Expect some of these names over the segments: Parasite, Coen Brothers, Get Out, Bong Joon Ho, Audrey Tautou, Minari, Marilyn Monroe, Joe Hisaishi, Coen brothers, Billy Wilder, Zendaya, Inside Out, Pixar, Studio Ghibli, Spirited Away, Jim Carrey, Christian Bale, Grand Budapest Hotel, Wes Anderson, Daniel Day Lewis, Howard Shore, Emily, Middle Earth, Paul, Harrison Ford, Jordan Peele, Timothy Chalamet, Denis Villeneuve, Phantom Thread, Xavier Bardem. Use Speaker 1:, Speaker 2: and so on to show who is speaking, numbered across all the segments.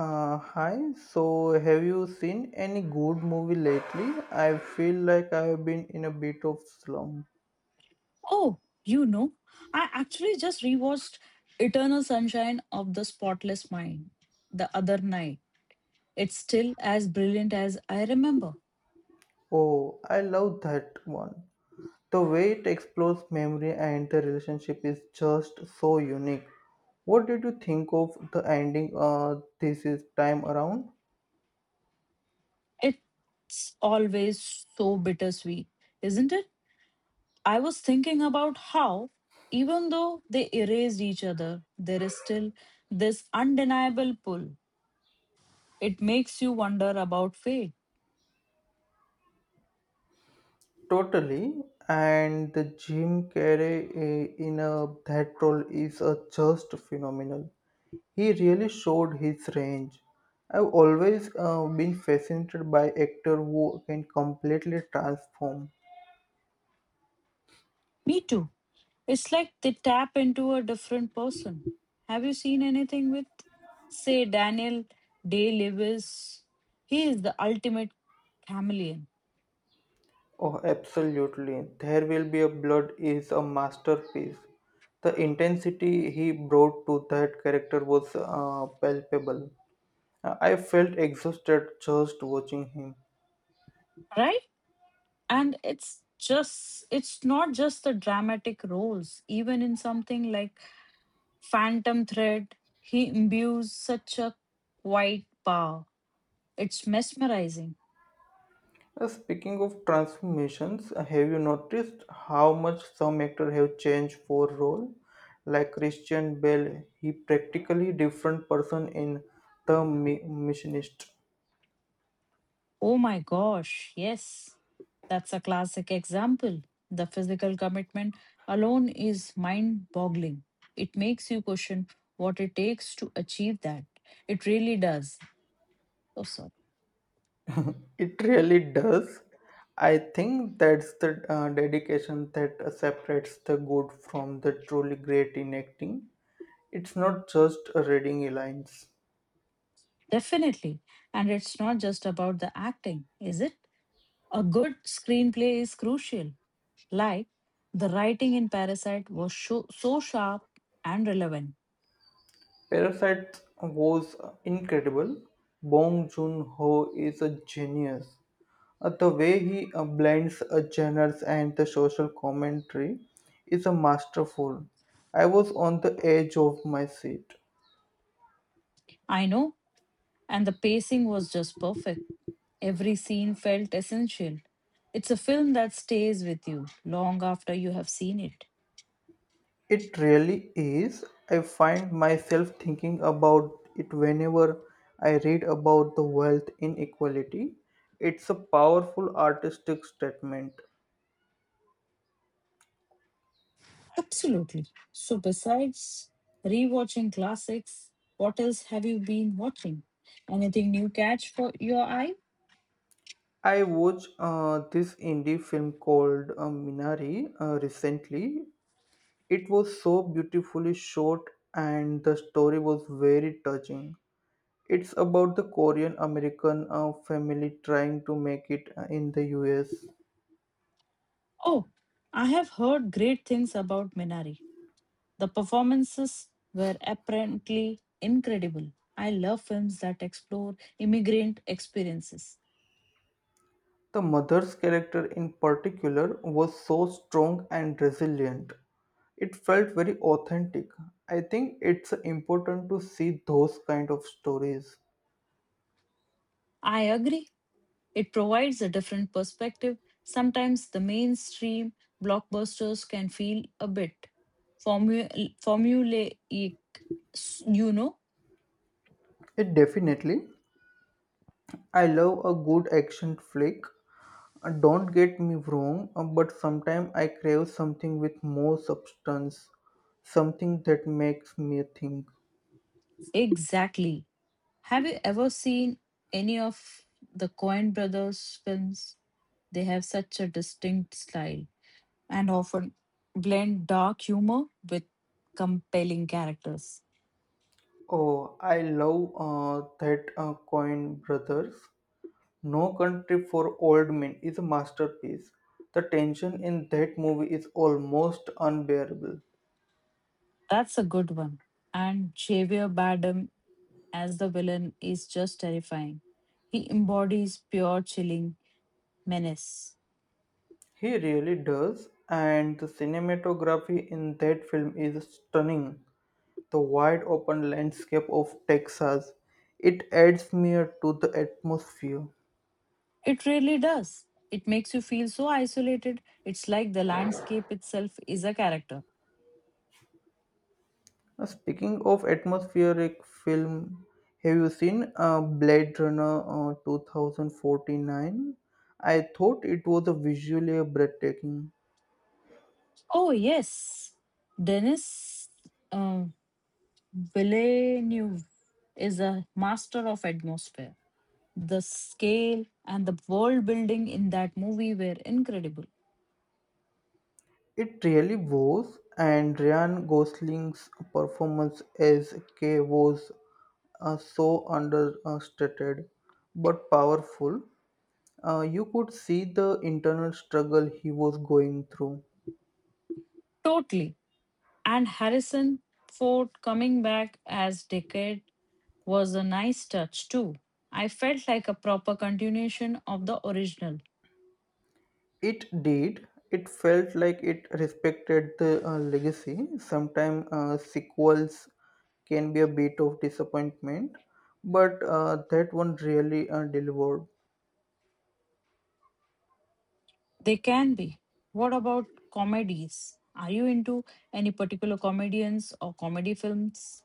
Speaker 1: Uh, hi, so have you seen any good movie lately? I feel like I have been in a bit of slump.
Speaker 2: Oh, you know, I actually just rewatched Eternal Sunshine of the Spotless Mind the other night. It's still as brilliant as I remember.
Speaker 1: Oh, I love that one. The way it explores memory and the relationship is just so unique. What did you think of the ending this is time around?
Speaker 2: It's always so bittersweet, isn't it? I was thinking about how, even though they erased each other, there is still this undeniable pull. It makes you wonder about fate.
Speaker 1: Totally, and the Jim Carrey that role is just phenomenal. He really showed his range. I've always been fascinated by actor who can completely transform.
Speaker 2: Me too. It's like they tap into a different person. Have you seen anything with, say, Daniel Day Lewis? He is the ultimate chameleon,
Speaker 1: Oh, absolutely. There Will Be a Blood is a masterpiece. The intensity he brought to that character was palpable. I felt exhausted just watching him.
Speaker 2: right? And it's just, it's not just the dramatic roles. Even in something like Phantom Thread, he imbues such a quiet power. It's mesmerizing.
Speaker 1: Speaking of transformations, have you noticed how much some actors have changed for role? Like Christian Bale, he practically different person in Missionist.
Speaker 2: Oh my gosh, yes. That's a classic example. The physical commitment alone is mind boggling. It makes you question what it takes to achieve that. It really does. Oh, sorry.
Speaker 1: It really does. I think that's the dedication that separates the good from the truly great in acting. It's not just reading lines.
Speaker 2: Definitely. And it's not just about the acting, is it? A good screenplay is crucial. Like, the writing in Parasite was so, so sharp and relevant.
Speaker 1: Parasite was incredible. Bong Joon Ho is a genius. The way he blends genres and the social commentary is a masterful. I was on the edge of my seat.
Speaker 2: I know, and the pacing was just perfect. Every scene felt essential. It's a film that stays with you long after you have seen it.
Speaker 1: It really is. I find myself thinking about it whenever I read about the wealth inequality. It's a powerful artistic statement.
Speaker 2: Absolutely. So, besides rewatching classics, what else have you been watching? Anything new catch for your eye?
Speaker 1: I watched this indie film called Minari recently. It was so beautifully shot and the story was very touching. It's about the Korean American family trying to make it in the US.
Speaker 2: Oh, I have heard great things about Minari. The performances were apparently incredible. I love films that explore immigrant experiences.
Speaker 1: The mother's character in particular was so strong and resilient. It felt very authentic. I think it's important to see those kind of stories.
Speaker 2: I agree. It provides a different perspective. Sometimes the mainstream blockbusters can feel a bit formulaic. You know?
Speaker 1: It definitely. I love a good action flick. Don't get me wrong, but sometimes I crave something with more substance, something that makes me think.
Speaker 2: Exactly. Have you ever seen any of the Coen brothers' films? They have such a distinct style and often blend dark humor with compelling characters.
Speaker 1: Oh, I love that Coin Brothers. No Country for Old Men is a masterpiece. The tension in that movie is almost unbearable.
Speaker 2: That's a good one. And Xavier Bardem as the villain is just terrifying. He embodies pure chilling menace.
Speaker 1: He really does, and the cinematography in that film is stunning. The wide open landscape of Texas. It adds mere to the atmosphere.
Speaker 2: It really does. It makes you feel so isolated. It's like the landscape itself is a character.
Speaker 1: Now, speaking of atmospheric film, have you seen Blade Runner 2049? I thought it was a visually breathtaking.
Speaker 2: Oh, yes. Denis uh, Villeneuve is a master of atmosphere. The scale and the world building in that movie were incredible.
Speaker 1: It really was, and Ryan Gosling's performance as K was so understated but powerful. You could see the internal struggle he was going through.
Speaker 2: Totally. And Harrison Ford coming back as Decade was a nice touch too. I felt like a proper continuation of the original.
Speaker 1: It did. It felt like it respected the legacy. Sometimes sequels can be a bit of disappointment, but that one really delivered.
Speaker 2: They can be. What about comedies? Are you into any particular comedians or comedy films?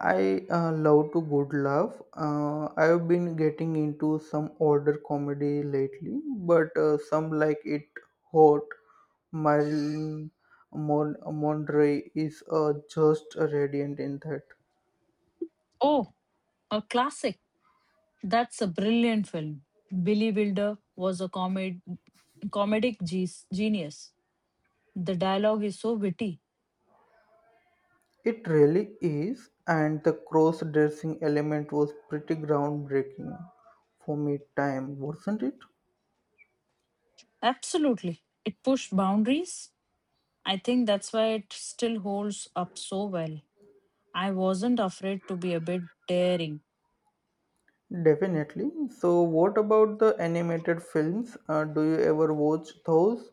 Speaker 1: I love to good laugh. I've been getting into some older comedy lately, but some like it hot. Marilyn Monroe is just radiant in that.
Speaker 2: Oh, a classic. That's a brilliant film. Billy Wilder was a comedic genius. The dialogue is so witty.
Speaker 1: It really is, and the cross dressing element was pretty groundbreaking for me, time, wasn't it?
Speaker 2: Absolutely. It pushed boundaries. I think that's why it still holds up so well. I wasn't afraid to be a bit daring.
Speaker 1: Definitely. So, what about the animated films? Do you ever watch those?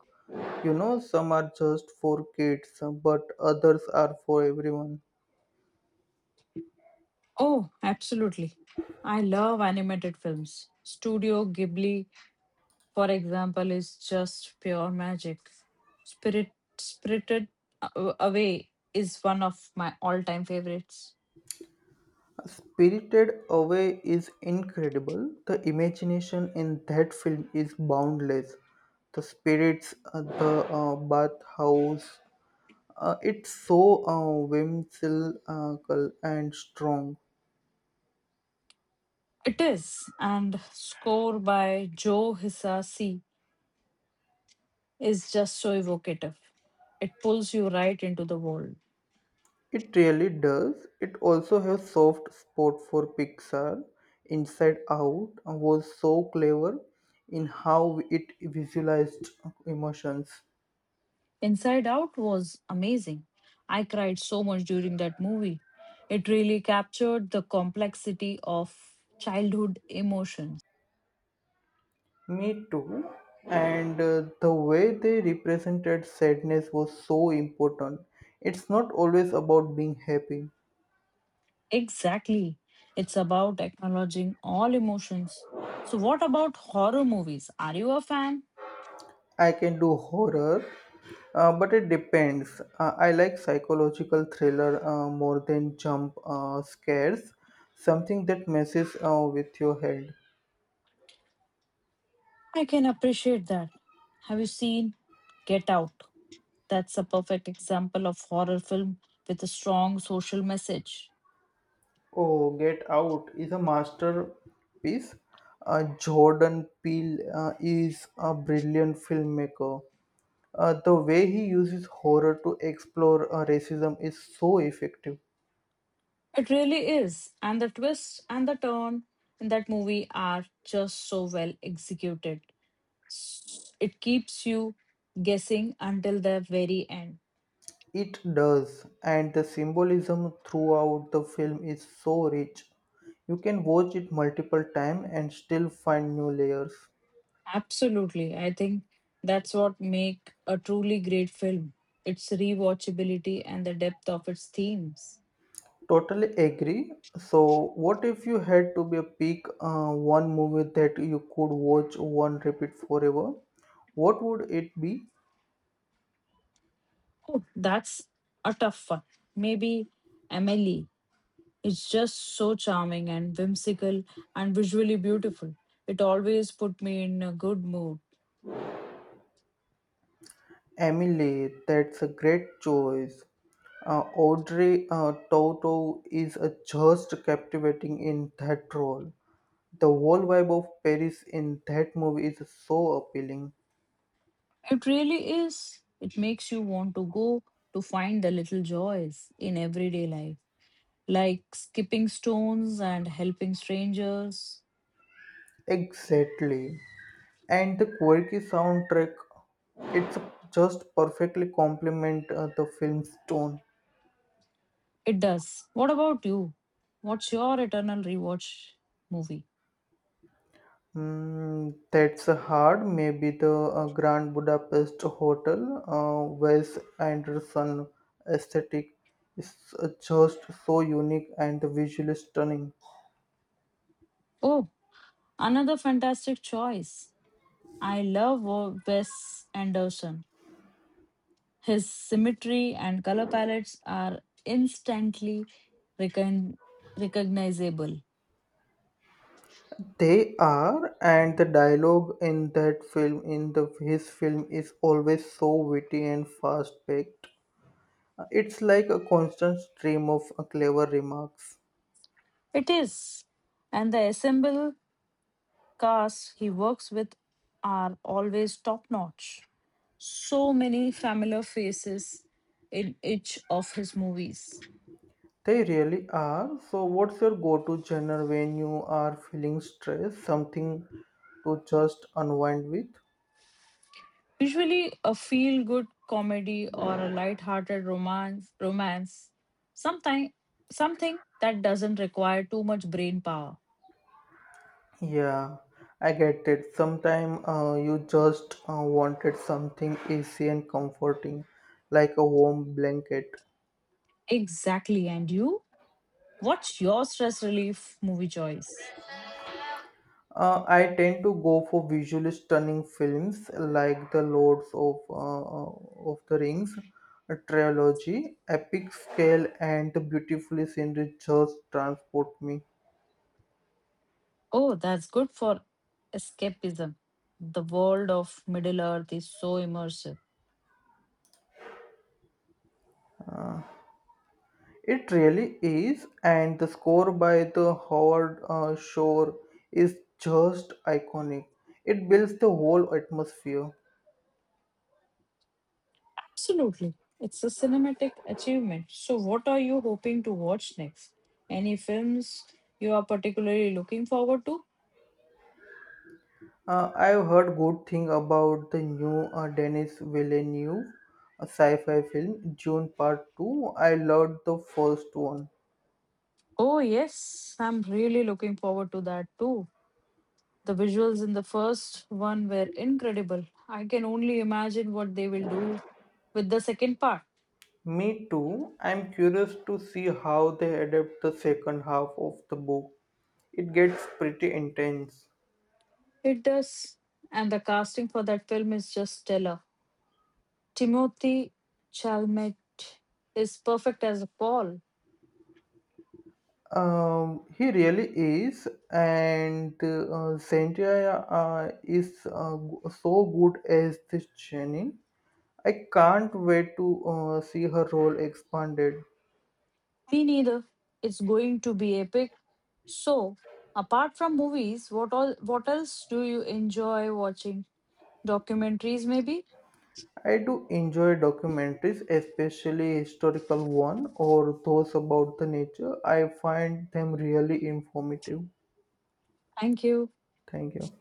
Speaker 1: You know, some are just for kids, but others are for everyone.
Speaker 2: Oh, absolutely. I love animated films. Studio Ghibli, for example, is just pure magic. Spirit Spirited Away is one of my all-time favorites.
Speaker 1: Spirited Away is incredible. The imagination in that film is boundless. The spirits, the bathhouse, it's so whimsical and strong.
Speaker 2: It is, and score by Joe Hisaishi is just so evocative. It pulls you right into the world.
Speaker 1: It really does. It also has soft spot for Pixar. Inside Out was so clever in how it visualized emotions.
Speaker 2: Inside Out was amazing. I cried so much during that movie. It really captured the complexity of childhood emotions.
Speaker 1: Me too. And the way they represented sadness was so important. It's not always about being happy.
Speaker 2: Exactly. It's about acknowledging all emotions. So, what about horror movies? Are you a fan?
Speaker 1: I can do horror, but it depends. I like psychological thriller more than jump scares, something that messes with your head.
Speaker 2: I can appreciate that. Have you seen Get Out? That's a perfect example of horror film with a strong social message.
Speaker 1: Oh, Get Out is a masterpiece. Jordan Peele is a brilliant filmmaker. The way he uses horror to explore racism is so effective.
Speaker 2: It really is. And the twist and the turn in that movie are just so well executed. It keeps you guessing until the very end.
Speaker 1: It does, and the symbolism throughout the film is so rich. You can watch it multiple times and still find new layers.
Speaker 2: Absolutely. I think that's what make a truly great film. Its rewatchability and the depth of its themes.
Speaker 1: Totally agree. So, what if you had to be a pick one movie that you could watch one repeat forever? What would it be?
Speaker 2: Oh, that's a tough one. Maybe Emily. It's just so charming and whimsical and visually beautiful. It always put me in a good mood.
Speaker 1: Emily, that's a great choice. Audrey Tautou is just captivating in that role. The whole vibe of Paris in that movie is so appealing.
Speaker 2: It really is. It makes you want to go to find the little joys in everyday life, like skipping stones and helping strangers.
Speaker 1: Exactly. And the quirky soundtrack, it's just perfectly complement the film's tone.
Speaker 2: It does. What about you? What's your eternal rewatch movie?
Speaker 1: Mm, that's hard. Maybe the Grand Budapest Hotel, Wes Anderson aesthetic is just so unique and visually stunning.
Speaker 2: Oh, another fantastic choice. I love Wes Anderson. His symmetry and color palettes are instantly recon- recognizable.
Speaker 1: They are, and the dialogue in that film, in the his film, is always so witty and fast-paced. It's like a constant stream of clever remarks.
Speaker 2: It is. And the ensemble cast he works with are always top notch. So many familiar faces in each of his movies.
Speaker 1: They really are. So, what's your go to genre when you are feeling stressed? Something to just unwind with?
Speaker 2: Usually a feel good comedy or a light-hearted romance. Sometime something that doesn't require too much brain power.
Speaker 1: Yeah, I get it. Sometimes you just wanted something easy and comforting, like a warm blanket.
Speaker 2: Exactly. And you? What's your stress relief movie choice?
Speaker 1: I tend to go for visually stunning films like The Lords of the Rings a trilogy, epic scale, and the beautifully scenery just transport me.
Speaker 2: Oh, that's good for escapism. The world of Middle Earth is so immersive.
Speaker 1: Uh, It really is, and the score by the Howard Shore is just iconic. It builds the whole atmosphere.
Speaker 2: Absolutely. It's a cinematic achievement. So, what are you hoping to watch next? Any films you are particularly looking forward to?
Speaker 1: I've heard good thing about the new Denis Villeneuve sci-fi film June Part 2. I loved the first one.
Speaker 2: Oh, yes. I'm really looking forward to that too. The visuals in the first one were incredible. I can only imagine what they will do with the second part.
Speaker 1: Me too. I'm curious to see how they adapt the second half of the book. It gets pretty intense.
Speaker 2: It does. And the casting for that film is just stellar. Timothy Chalamet is perfect as Paul.
Speaker 1: He really is, and Zendaya is so good as this Jenny. I can't wait to see her role expanded.
Speaker 2: Me neither. It's going to be epic. So, apart from movies, what else do you enjoy watching? Documentaries maybe?
Speaker 1: I do enjoy documentaries, especially historical one or those about the nature. I find them really informative.
Speaker 2: Thank you.
Speaker 1: Thank you.